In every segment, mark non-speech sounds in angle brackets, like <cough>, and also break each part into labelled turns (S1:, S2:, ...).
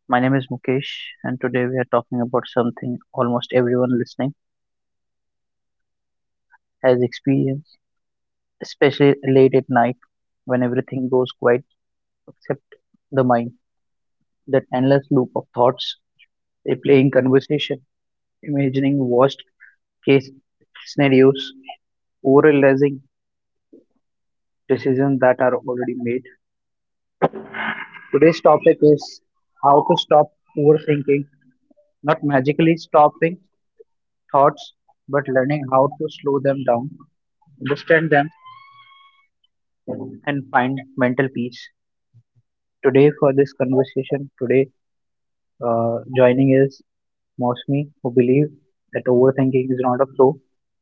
S1: My name is Mukesh, and today we are talking about something almost everyone listening has experienced, especially late at night when everything goes quiet except the mind. That endless loop of thoughts, replaying conversation, imagining worst case scenarios, overanalyzing decisions that are already made. Today's topic is how to stop overthinking, not magically stopping, thoughts, but learning how to slow them down, understand them, and find mental peace. Today, for this conversation, today joining is Mosmi, who believes that overthinking is not a flaw;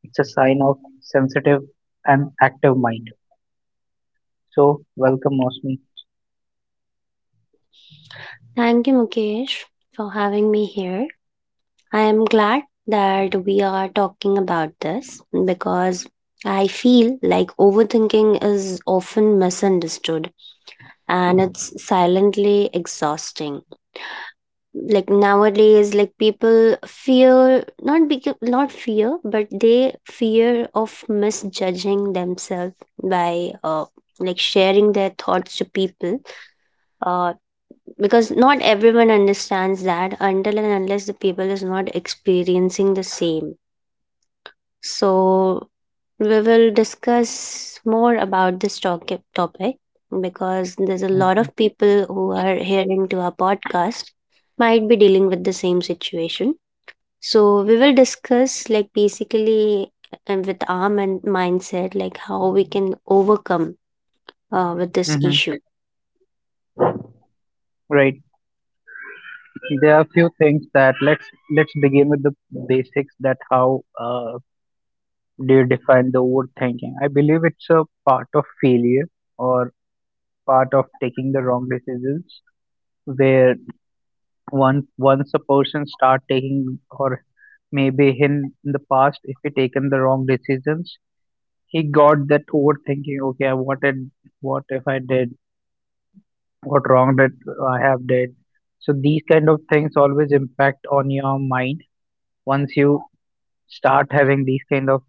S1: it's a sign of sensitive and active mind. So, welcome, Mosmi.
S2: Thank you, Mukesh, for having me here. I am glad that we are talking about this because I feel like overthinking is often misunderstood, and it's silently exhausting. Like nowadays, like people fear, not because not fear, but they fear of misjudging themselves by like sharing their thoughts to people, uh, because not everyone understands that until and unless the people is not experiencing the same. So we will discuss more about this topic because there's a lot
S1: Hmm.
S2: of people who are hearing to our podcast, might be dealing with the same situation. So we will discuss, like, basically, and with our mindset, like how we can overcome with this
S1: Hmm.
S2: issue.
S1: Right. There are a few things that let's begin with the basics. That how do you define the overthinking? I believe it's a part of failure or part of taking the wrong decisions where one once a person start taking or maybe him in the past if he taken the wrong decisions he got that overthinking, okay, I wanted, what if I did, what wrong did I have did. So these kind of things always impact on your mind once you start having these kind of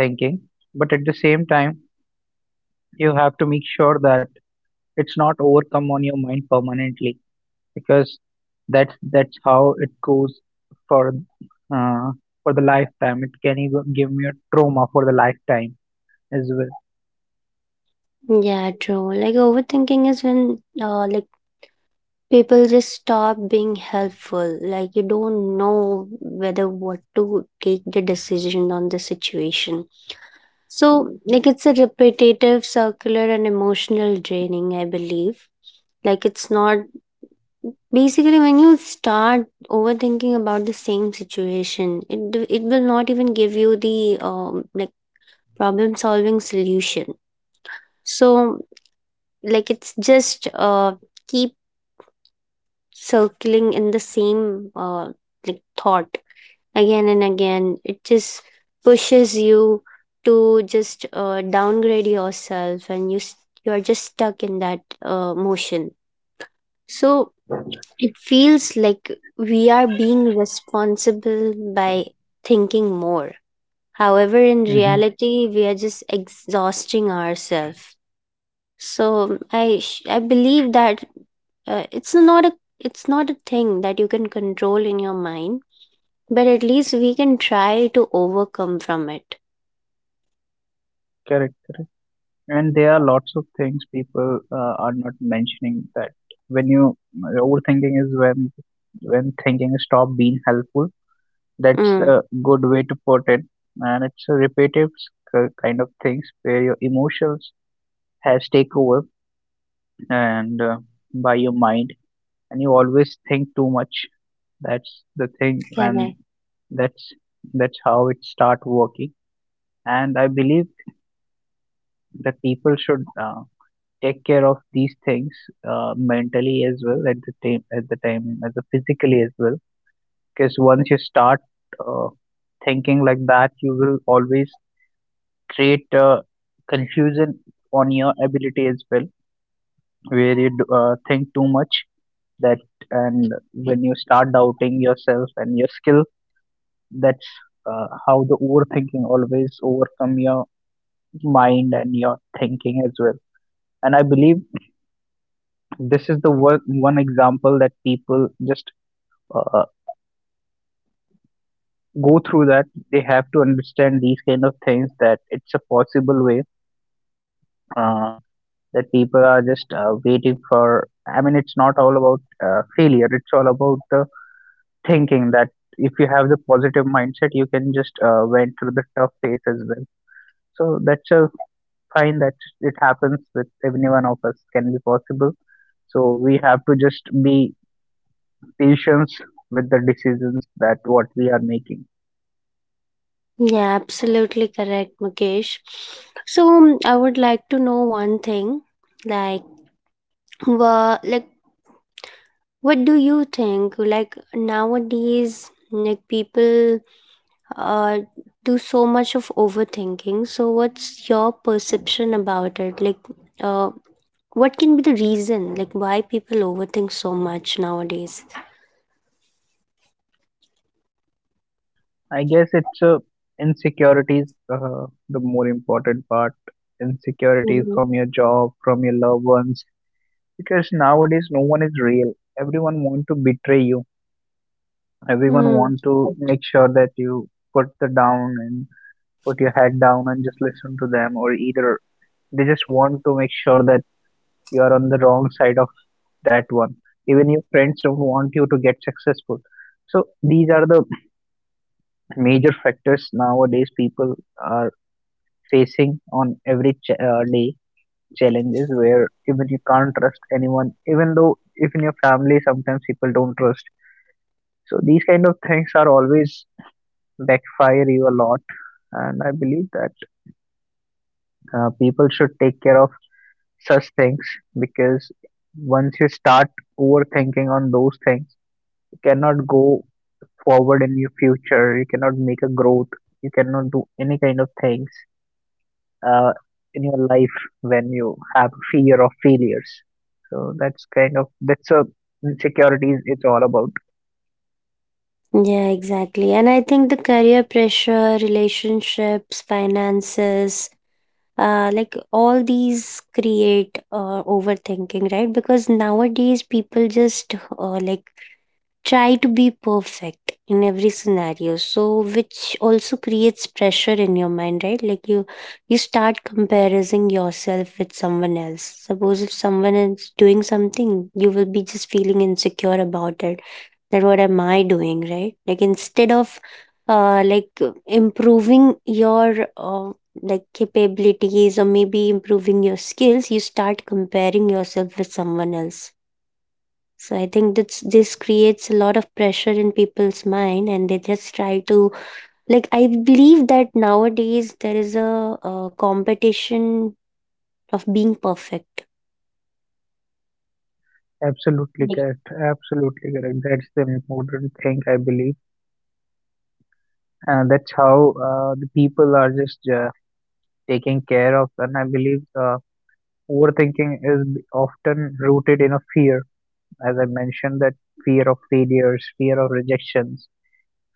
S1: thinking, but at the same time you have to make sure that it's not overcome on your mind permanently, because that's how it goes for uh, for the lifetime. It can even give me a trauma for the lifetime as well.
S2: Yeah, true, like overthinking is when, like, people just stop being helpful, like you don't know whether what to take the decision on the situation. So like it's a repetitive, circular, and emotional draining, I believe. Like it's not, basically, when you start overthinking about the same situation, it will not even give you the like problem solving solution. So like it's just keep circling in the same, like, thought, again and again. It just pushes you to just downgrade yourself, and you're just stuck in that motion. So it feels like we are being responsible by thinking more, however, in
S1: Hmm.
S2: reality, we are just exhausting ourselves. So I believe that uh, it's not a it's not a thing that you can control in your mind, but at least we can try to overcome from it.
S1: Correct, correct. And there are lots of things people are not mentioning, that when you overthinking is when thinking stop being helpful. That's
S2: Mm.
S1: a good way to put it, and it's a repetitive kind of things where your emotions has take over and by your mind and you always think too much. That's the thing, and
S2: Correct.
S1: that's that's how it start working. And I believe that people should take care of these things mentally as well at the time as a physically as well. Because once you start uh, thinking like that, you will always create confusion on your ability as well, where you think too much that, and when you start doubting yourself and your skill. That's how the overthinking always overcome your mind and your thinking as well. And I believe this is the one example that people just uh, go through that. They have to understand these kind of things, that it's a possible way. Uh, that people are just waiting for. I mean, it's not all about failure. It's all about the thinking, that if you have the positive mindset, you can just went through the tough phase as well. So that's a find, that it happens with every one of us, can be possible, so we have to just be patient with the decisions that what we are making.
S2: Yeah, absolutely correct, Mukesh. So I would like to know one thing, like like what do you think? Like nowadays, like people uh do so much of overthinking. So what's your perception about it? Like uh what can be the reason, like why people overthink so much nowadays?
S1: I guess it's insecurities, the more important part, insecurities
S2: Mhm.
S1: from your job, from your loved ones, because nowadays no one is real. Everyone want to betray you, everyone
S2: Hmm.
S1: want to make sure that you put the down and put your head down and just listen to them, or either they just want to make sure that you are on the wrong side of that one. Even your friends don't want you to get successful. So these are the major factors nowadays people are facing on every day challenges, where even you can't trust anyone, even though if in your family sometimes people don't trust. So these kind of things are always backfire you a lot, and I believe that people should take care of such things, because once you start overthinking on those things, you cannot go forward in your future, you cannot make a growth, you cannot do any kind of things uh, in your life when you have fear of failures. So that's kind of, that's a insecurities, it's all about.
S2: Yeah, exactly. And I think the career pressure, relationships, finances, like all these create overthinking, right? Because nowadays people just like try to be perfect in every scenario, so which also creates pressure in your mind, right, like you start comparing yourself with someone else. Suppose if someone is doing something, you will be just feeling insecure about it, that what am I doing, right, like instead of like improving your uh, like capabilities or maybe improving your skills, you start comparing yourself with someone else. So I think that's, this creates a lot of pressure in people's mind, and they just try to like. I believe that nowadays there is a competition of being perfect.
S1: Absolutely
S2: Yes.
S1: correct. Absolutely correct. That's the important thing, I believe. And that's how the people are just taking care of. And I believe overthinking is often rooted in a fear, as I mentioned, that fear of failures, fear of rejections,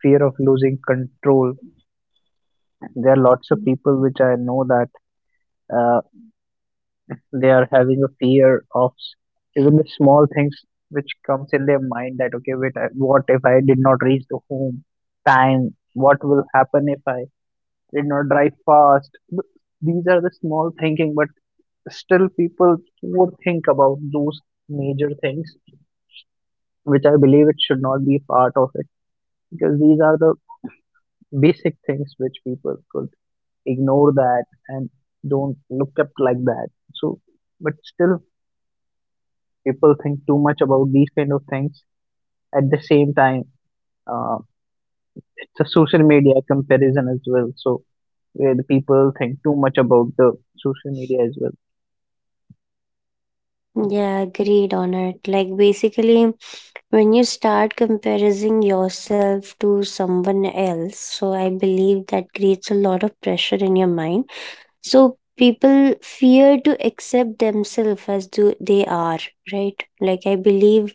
S1: fear of losing control. There are lots of people which I know that uh, they are having a fear of even the small things which comes in their mind, that okay, wait, I- what if I did not reach the home time? What will happen if I did not drive fast? These are the small thinking, but still people would think about those major things, which I believe it should not be part of it, because these are the basic things which people could ignore that and don't look up like that. So, but still, people think too much about these kind of things. At the same time, uh, it's a social media comparison as well. So, where the people think too much about the social media as well.
S2: Yeah, agreed on it. Like, basically, when you start comparing yourself to someone else, so I believe that creates a lot of pressure in your mind. So people fear to accept themselves as do they are, right? Like I believe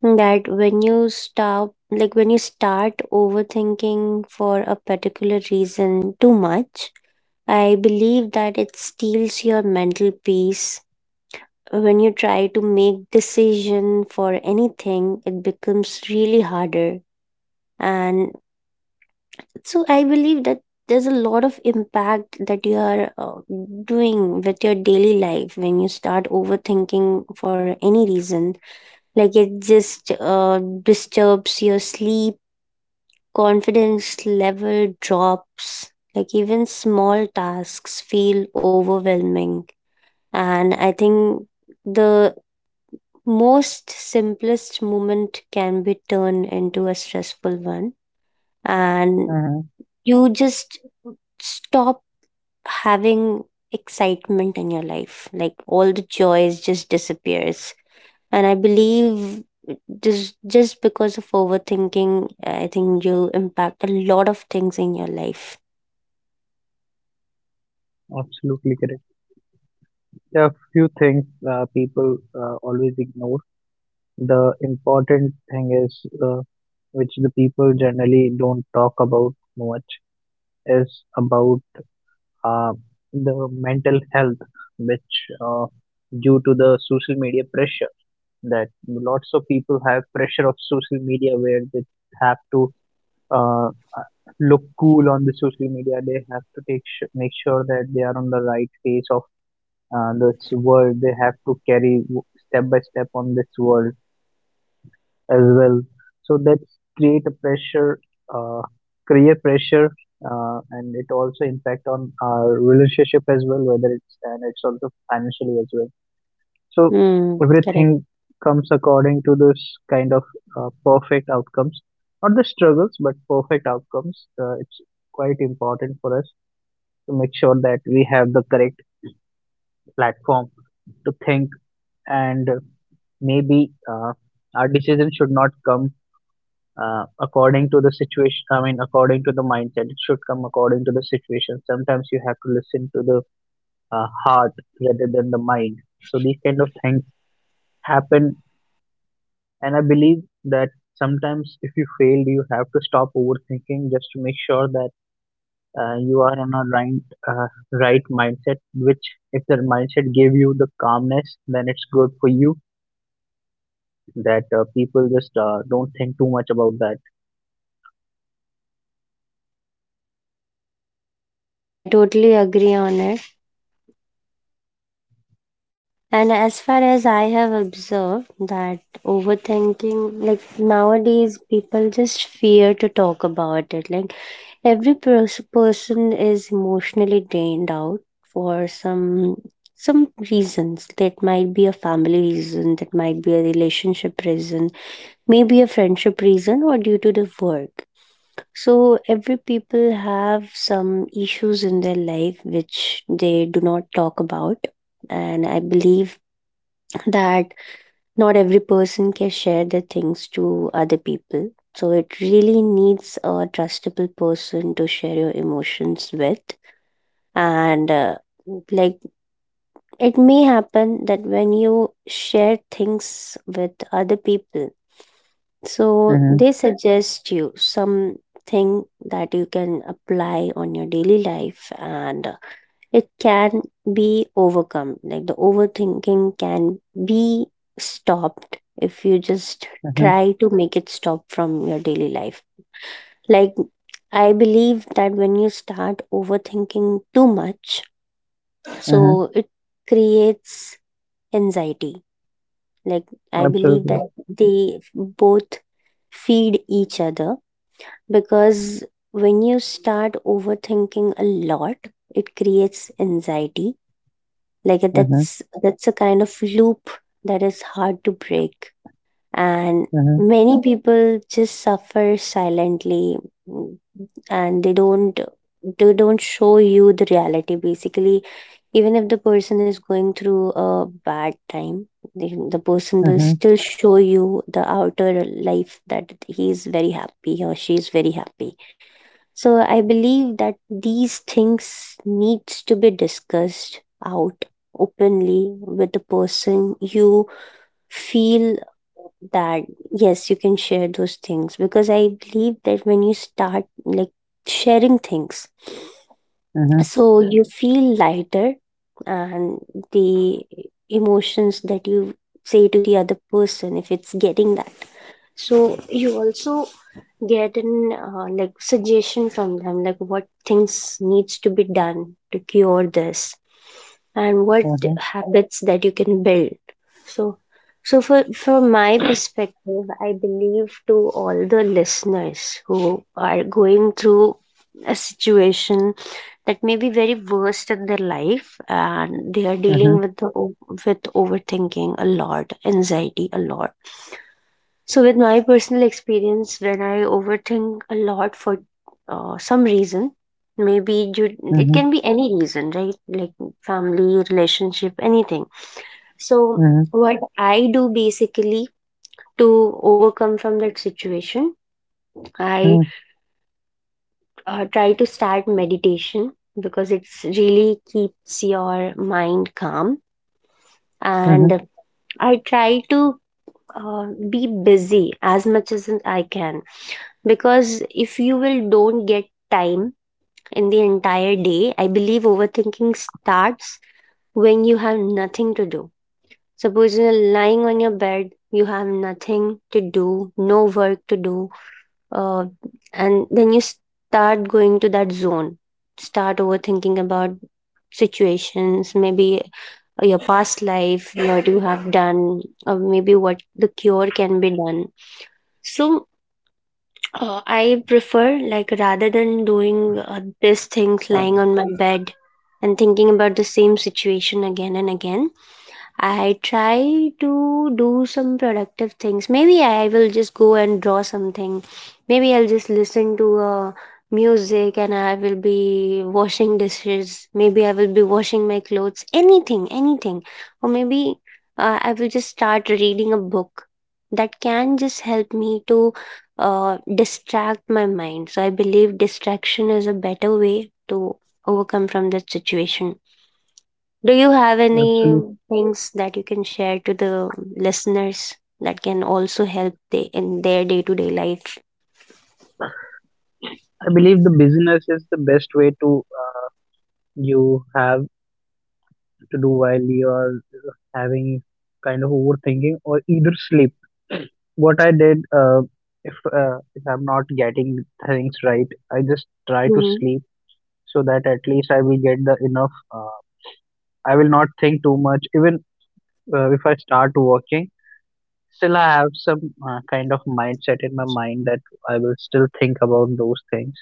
S2: that when you start overthinking for a particular reason too much, I believe that it steals your mental peace. When you try to make decision for anything, it becomes really harder. And so I believe that there's a lot of impact that you are doing with your daily life when you start overthinking for any reason, like it just disturbs your sleep, confidence level drops. Like even small tasks feel overwhelming. And I think the most simplest moment can be turned into a stressful one.
S1: Uh
S2: And
S1: huh.
S2: you just stop having excitement in your life. Like all the joys just disappears. And I believe just because of overthinking, I think you impact a lot of things in your life.
S1: Absolutely correct. There are few things people always ignore. The important thing is, which the people generally don't talk about much, is about uh, the mental health, which uh, due to the social media pressure, that lots of people have pressure of social media where they have to uh, look cool on the social media. They have to make sure that they are on the right face of this world. They have to carry step by step on this world as well. So that create a pressure, uh, create pressure, and it also impact on our relationship as well, whether it's, and it's also financially as well. So
S2: Hmm, correct.
S1: everything comes according to this kind of perfect outcomes, not the struggles, but perfect outcomes. It's quite important for us to make sure that we have the correct platform to think, and maybe our decision should not come according to the situation, I mean according to the mindset, it should come according to the situation. Sometimes you have to listen to the heart rather than the mind. So these kind of things happen, and I believe that sometimes if you failed, you have to stop overthinking just to make sure that you are in a right right mindset, which if the mindset gave you the calmness then it's good for you, that people just don't think too much about that.
S2: Yeah, I totally agree on it. And as far as I have observed that overthinking, like nowadays, people just fear to talk about it. Like every person is emotionally drained out for some reasons. That might be a family reason, that might be a relationship reason, maybe a friendship reason, or due to the work. So every people have some issues in their life which they do not talk about. And I believe <laughs> that not every person can share their things to other people. So it really needs a trustable person to share your emotions with. And like it may happen that when you share things with other people, so
S1: Mm-hmm.
S2: they suggest you something that you can apply on your daily life, and it can be overcome. Like the overthinking can be stopped if you just
S1: Mm-hmm.
S2: try to make it stop from your daily life. Like I believe that when you start overthinking too much,
S1: Mm-hmm.
S2: so it creates anxiety. Like I believe
S1: Absolutely.
S2: that they both feed each other, because when you start overthinking a lot, it creates anxiety, like
S1: Mhm.
S2: that's a kind of loop that is hard to break, and
S1: Mhm,
S2: many people just suffer silently, mm, and they don't show you the reality, basically. Even if the person is going through a bad time, the person will
S1: mhm,
S2: still show you the outer life, that he is very happy or she is very happy. So I believe that these things needs to be discussed out openly with the person you feel that, yes, you can share those things, because I believe that when you start like sharing things,
S1: mhm,
S2: so you feel lighter, and the emotions that you say to the other person, if it's getting that, so you also get an like suggestion from them, like what things needs to be done to cure this and what
S1: mhm,
S2: habits that you can build. So so for from my perspective, I believe to all the listeners who are going through a situation that may be very worst in their life, and they are
S1: mhm,
S2: dealing with overthinking a lot, anxiety a lot. So, with my personal experience, when I overthink a lot for some reason, maybe it
S1: mhm,
S2: can be any reason, right? Like family, relationship, anything. So,
S1: mhm,
S2: what I do basically to overcome from that situation, I
S1: mhm,
S2: try to start meditation because it's really keeps your mind calm,
S1: mhm.
S2: and I try to be busy as much as I can because if you will don't get time in the entire day, I believe overthinking starts when you have nothing to do. Suppose you're lying on your bed, you have nothing to do, no work to do, uh, and then you start going to that zone, start overthinking about situations, maybe your past life, what you have done, or maybe what the cure can be done. So I prefer, like, rather than doing these things lying on my bed and thinking about the same situation again and again, I try to do some productive things. Maybe I will just go and draw something. Maybe I'll just listen to music, and I will be washing dishes. Maybe I will be washing my clothes. Anything, anything. Or maybe I will just start reading a book that can just help me to distract my mind. So I believe distraction is a better way to overcome from that situation. Do you have any
S1: Absolutely.
S2: things that you can share to the listeners that can also help they, in their day to day life?
S1: I believe the business is the best way to you have to do while you are having kind of overthinking or either sleep. What I did, if I'm not getting things right, I just try to
S2: Hmm.
S1: sleep so that at least I will get the enough. I will not think too much. Even if I start working, still I have some kind of mindset in my mind that I will still think about those things.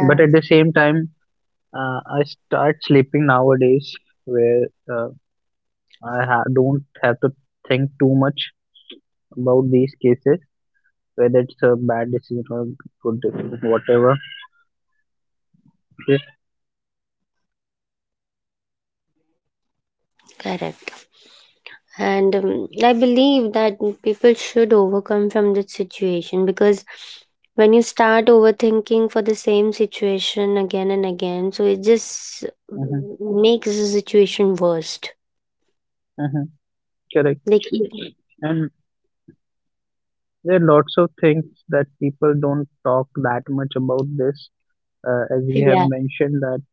S1: But at the same time, I start sleeping nowadays where uh, I don't have to think too much about these cases, whether it's a bad decision or good decision, whatever. Okay.
S2: correct. And I believe that people should overcome from this situation because when you start overthinking for the same situation again and again, so it just
S1: Hmm.
S2: makes the situation worse.
S1: Hmm. Correct.
S2: Like,
S1: And there are lots of things that people don't talk that much about this, as we have
S2: yeah.
S1: mentioned, that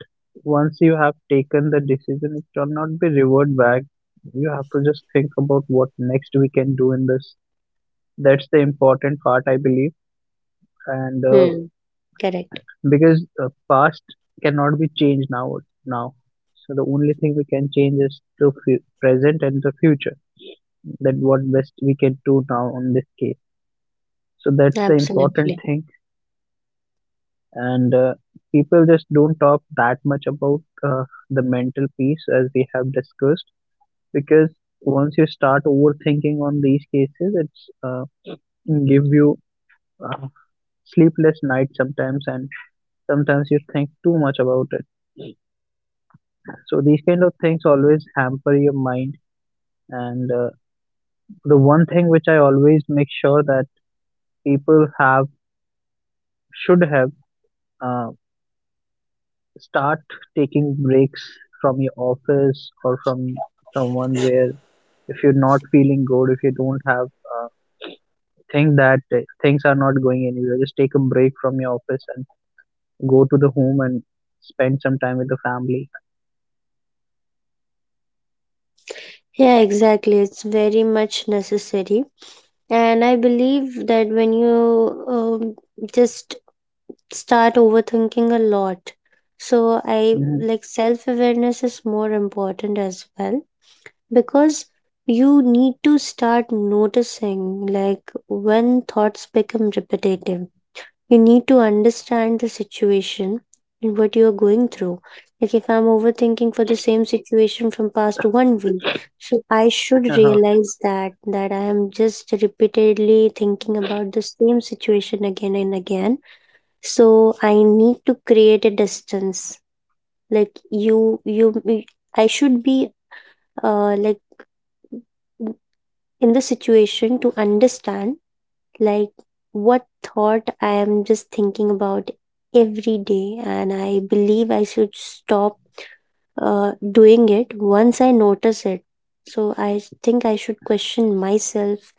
S1: once you have taken the decision it cannot be reverted back. You have to just think about what next we can do in this. That's the important part, I believe. And
S2: Hmm. Correct,
S1: because past cannot be changed now. So the only thing we can change is the present and the future, that what best we can do now on this case. So that's the
S2: absolutely.
S1: important thing. And people just don't talk that much about the mental piece as we have discussed, because once you start overthinking on these cases it's give you uh, sleepless nights sometimes, and sometimes you think too much about it. So these kind of things always hamper your mind. And the one thing which I always make sure that people have should have uh, start taking breaks from your office or from someone, where if you're not feeling good, if you don't have uh, think that things are not going anywhere, just take a break from your office and go to the home and spend some time with the family.
S2: Yeah, exactly. It's very much necessary. And I believe that when you um, just start overthinking a lot, so I
S1: Hmm.
S2: like self awareness is more important as well, because you need to start noticing, like, when thoughts become repetitive, you need to understand the situation and what you are going through. Like if I'm overthinking for the same situation from past one week, so I should
S1: Uh-huh.
S2: realize that I am just repeatedly thinking about the same situation again and again. So I need to create a distance. Like I should be like in the situation to understand like what thought I am just thinking about every day, and I believe I should stop doing it once I notice it. So I think I should question myself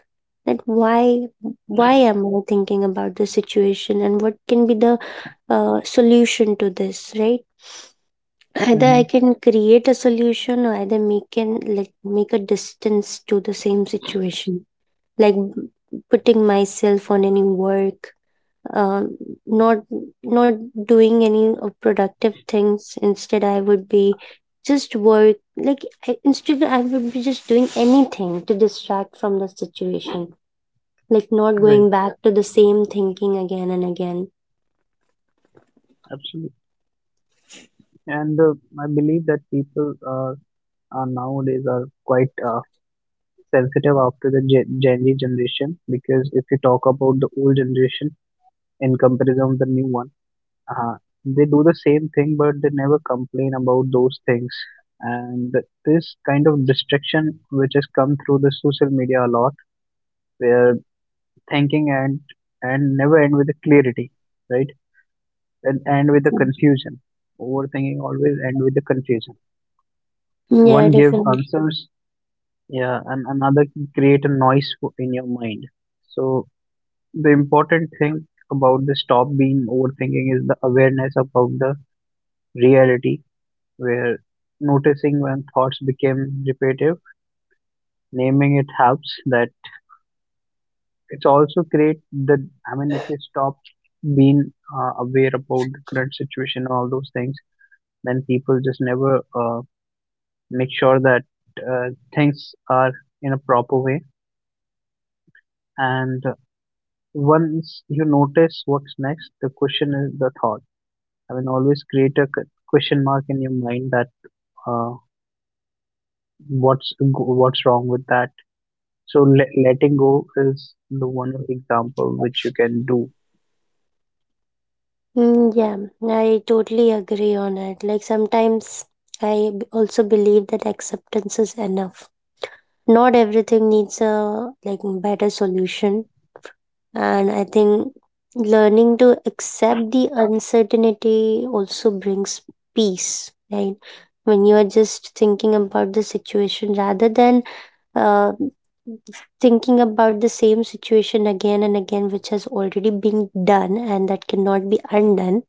S2: that why am I thinking about this situation, and what can be the solution to this, right? Either I
S1: Hmm.
S2: can create a solution or either make an like make a distance to the same situation, like putting myself on any work, uh, not not doing any of productive things. Instead I would be just work like I, instead I would be just doing anything to distract from the situation, like not
S1: Right.
S2: going back to the same thinking again and again.
S1: Absolutely. And I believe that people are nowadays are quite sensitive after the Gen Z generation, because if you talk about the old generation in comparison with the new one, uh, they do the same thing but they never complain about those things. And this kind of distraction which has come through the social media a lot, where thinking and never end with the clarity, right? And end with the confusion. Overthinking always end with the confusion,
S2: Yeah,
S1: one gives
S2: definitely.
S1: answers. Yeah, and another can create a noise in your mind. So the important thing about the stop being overthinking is the awareness about the reality, where noticing when thoughts become repetitive, naming it helps, that it's also create the, I mean if you stop being aware about the current situation and all those things, then people just never make sure that uh, things are in a proper way. And once you notice what's next, the question is the thought. I mean, always create a question mark in your mind that uh, what's what's wrong with that. So letting go is the one example which you can do.
S2: Mm, yeah, I totally agree on it. Like sometimes also believe that acceptance is enough. Not everything needs a like better solution. And I think learning to accept the uncertainty also brings peace, right? When you are just thinking about the situation rather than uh, thinking about the same situation again and again, which has already been done and that cannot be undone.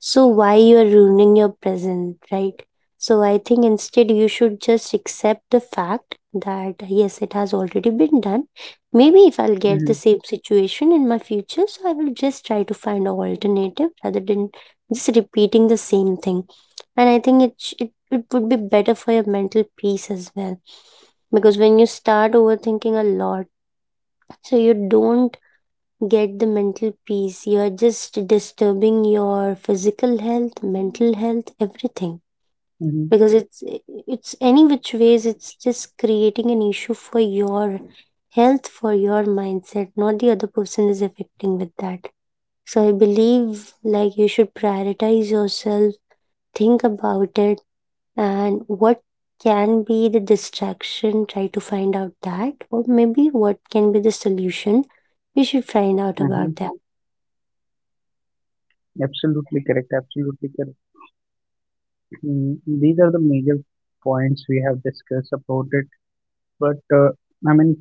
S2: So why you're ruining your present, right? So I think instead you should just accept the fact that yes, it has already been done. Maybe if I'll get
S1: Mm-hmm,
S2: the same situation in my future, so I will just try to find an alternative rather than just repeating the same thing. And I think it, sh- it would be better for your mental peace as well, because when you start overthinking a lot, so you don't get the mental peace. You're just disturbing your physical health, mental health, everything.
S1: mm-hmm,
S2: Because it's any which ways it's just creating an issue for your health, for your mindset, not the other person is affecting with that. So I believe like you should prioritize yourself, think about it and what can be the distraction. Try to find out that, or maybe what can be the solution. We should find out
S1: mm-hmm.
S2: about that.
S1: Absolutely correct. Absolutely correct. Mm, these are the major points we have discussed about it. But I mean,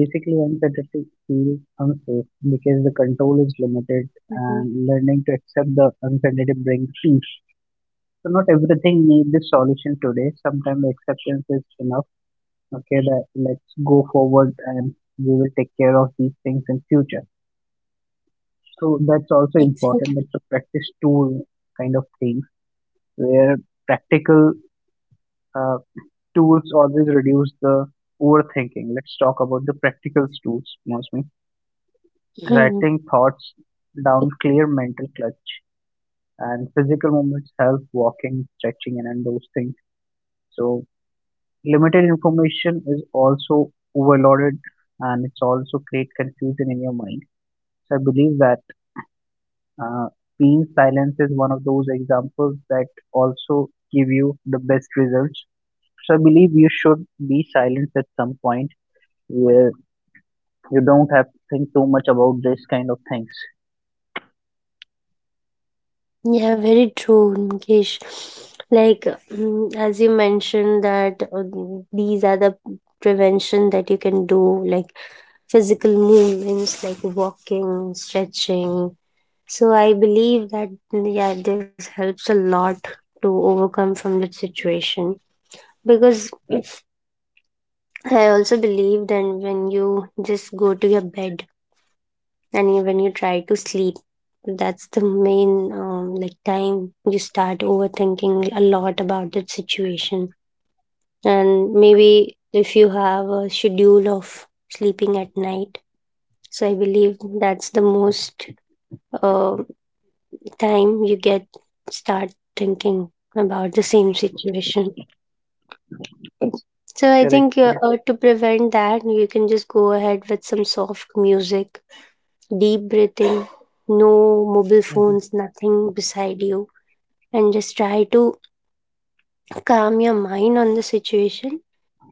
S1: basically, uncertainty feels unsafe because the control is limited,
S2: Mhm.
S1: and learning to accept the uncertainty brings peace. So not everything needs a solution today. Sometimes acceptance is enough. Okay, that let's go forward, and we will take care of these things in future. So that's also important.
S2: Exactly.
S1: It's a practice tool kind of thing, where practical uh, tools always reduce the overthinking. Let's talk about the practical tools, Mostly.
S2: Hmm.
S1: Writing thoughts down clear mental clutch, and physical movements help, walking, stretching and those things. So limited information is also overloaded, and it's also create confusion in your mind. So I believe that uh, being silence is one of those examples that also give you the best results. So I believe you should be silent at some point where you don't have to think too much about this kind of things.
S2: Yeah, very true, Mukesh. Like, mm, as you mentioned, that these are the prevention that you can do, like physical movements like walking, stretching. So I believe that yeah, this helps a lot to overcome from that situation, because I also believe that when you just go to your bed and when you try to sleep, that's the main like time you start overthinking a lot about that situation. And maybe if you have a schedule of sleeping at night, so I believe that's the most uh, time you get start thinking about the same situation. So I
S1: Correct,
S2: think
S1: correct.
S2: to prevent that, you can just go ahead with some soft music, deep breathing, no mobile
S1: Hmm.
S2: phones, nothing beside you, and just try to calm your mind on the situation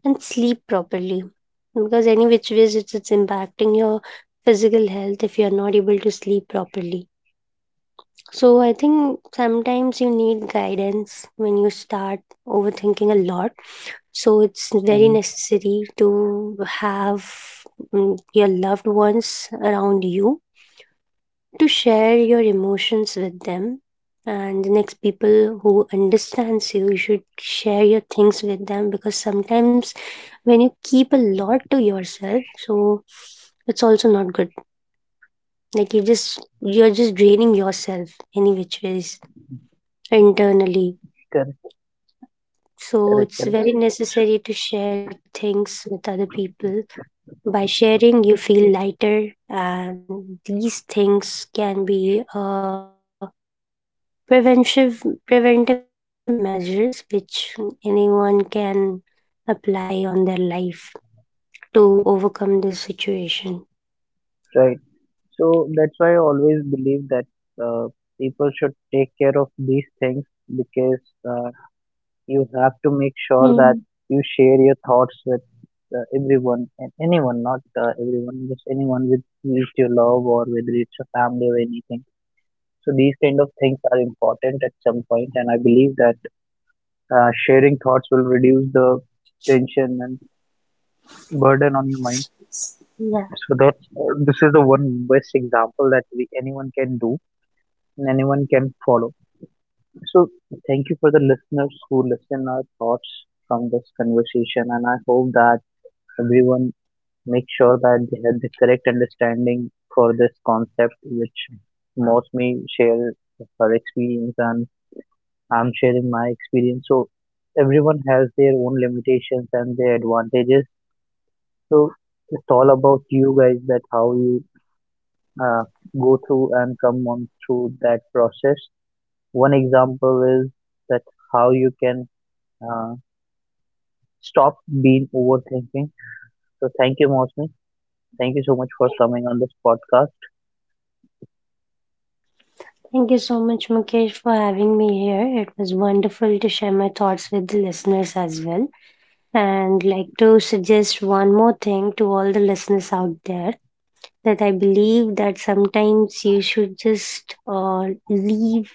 S2: and sleep properly. Because any which ways it's impacting your physical health if you're not able to sleep properly. So I think sometimes you need guidance when you start overthinking a lot. So it's very
S1: Hmm.
S2: necessary to have mm, your loved ones around you to share your emotions with them. And the next people who understands you, you should share your things with them, because sometimes when you keep a lot to yourself, so it's also not good. Like you're just draining yourself any which ways internally.
S1: Correct.
S2: So
S1: Correct,
S2: it's
S1: correct.
S2: very
S1: S-
S2: necessary to share things with other people. By sharing, you feel lighter, and these things can be preventive measures which anyone can apply on their life to overcome this situation.
S1: Right. So that's why I always believe that uh, people should take care of these things, because uh, you have to make
S2: Hmm.
S1: sure that you share your thoughts with everyone and anyone, not everyone, just anyone, with your love or whether it's a family or anything. So these kind of things are important at some point, and I believe that sharing thoughts will reduce the tension and burden on your mind.
S2: So,
S1: So
S2: yeah,
S1: that this is the one best example that we anyone can do and anyone can follow. So thank you for the listeners who listen our thoughts from this conversation, and I hope that everyone make sure that they have the correct understanding for this concept, which Mostly share her experience and I'm sharing my experience. So everyone has their own limitations and their advantages. So it's all about you guys, that how you uh, go through and come on through that process. One example is that how you can uh, stop being overthinking. So thank you, Mosmi. Thank you so much for coming on this podcast.
S2: thank you so much, Mukesh, for having me here. It was wonderful to share my thoughts with the listeners as well, and like to suggest one more thing to all the listeners out there, that I believe that sometimes you should just leave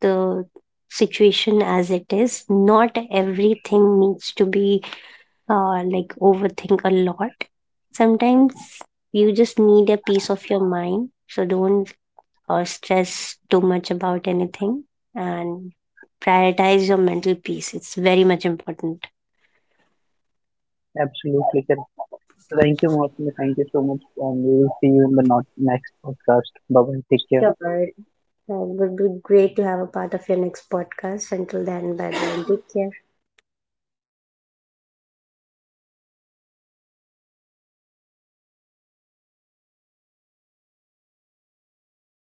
S2: the situation as it is. Not everything needs to be like overthink a lot. Sometimes you just need a peace of your mind. So don't stress too much about anything and prioritize your mental peace. It's very much important.
S1: Absolutely correct. Thank you, Mosmi. Thank you so much. And we will see you in the next podcast. Bye bye. Take care.
S2: Sure. So, it would be great to have a part of your next podcast. Until then, bye bye. Take care.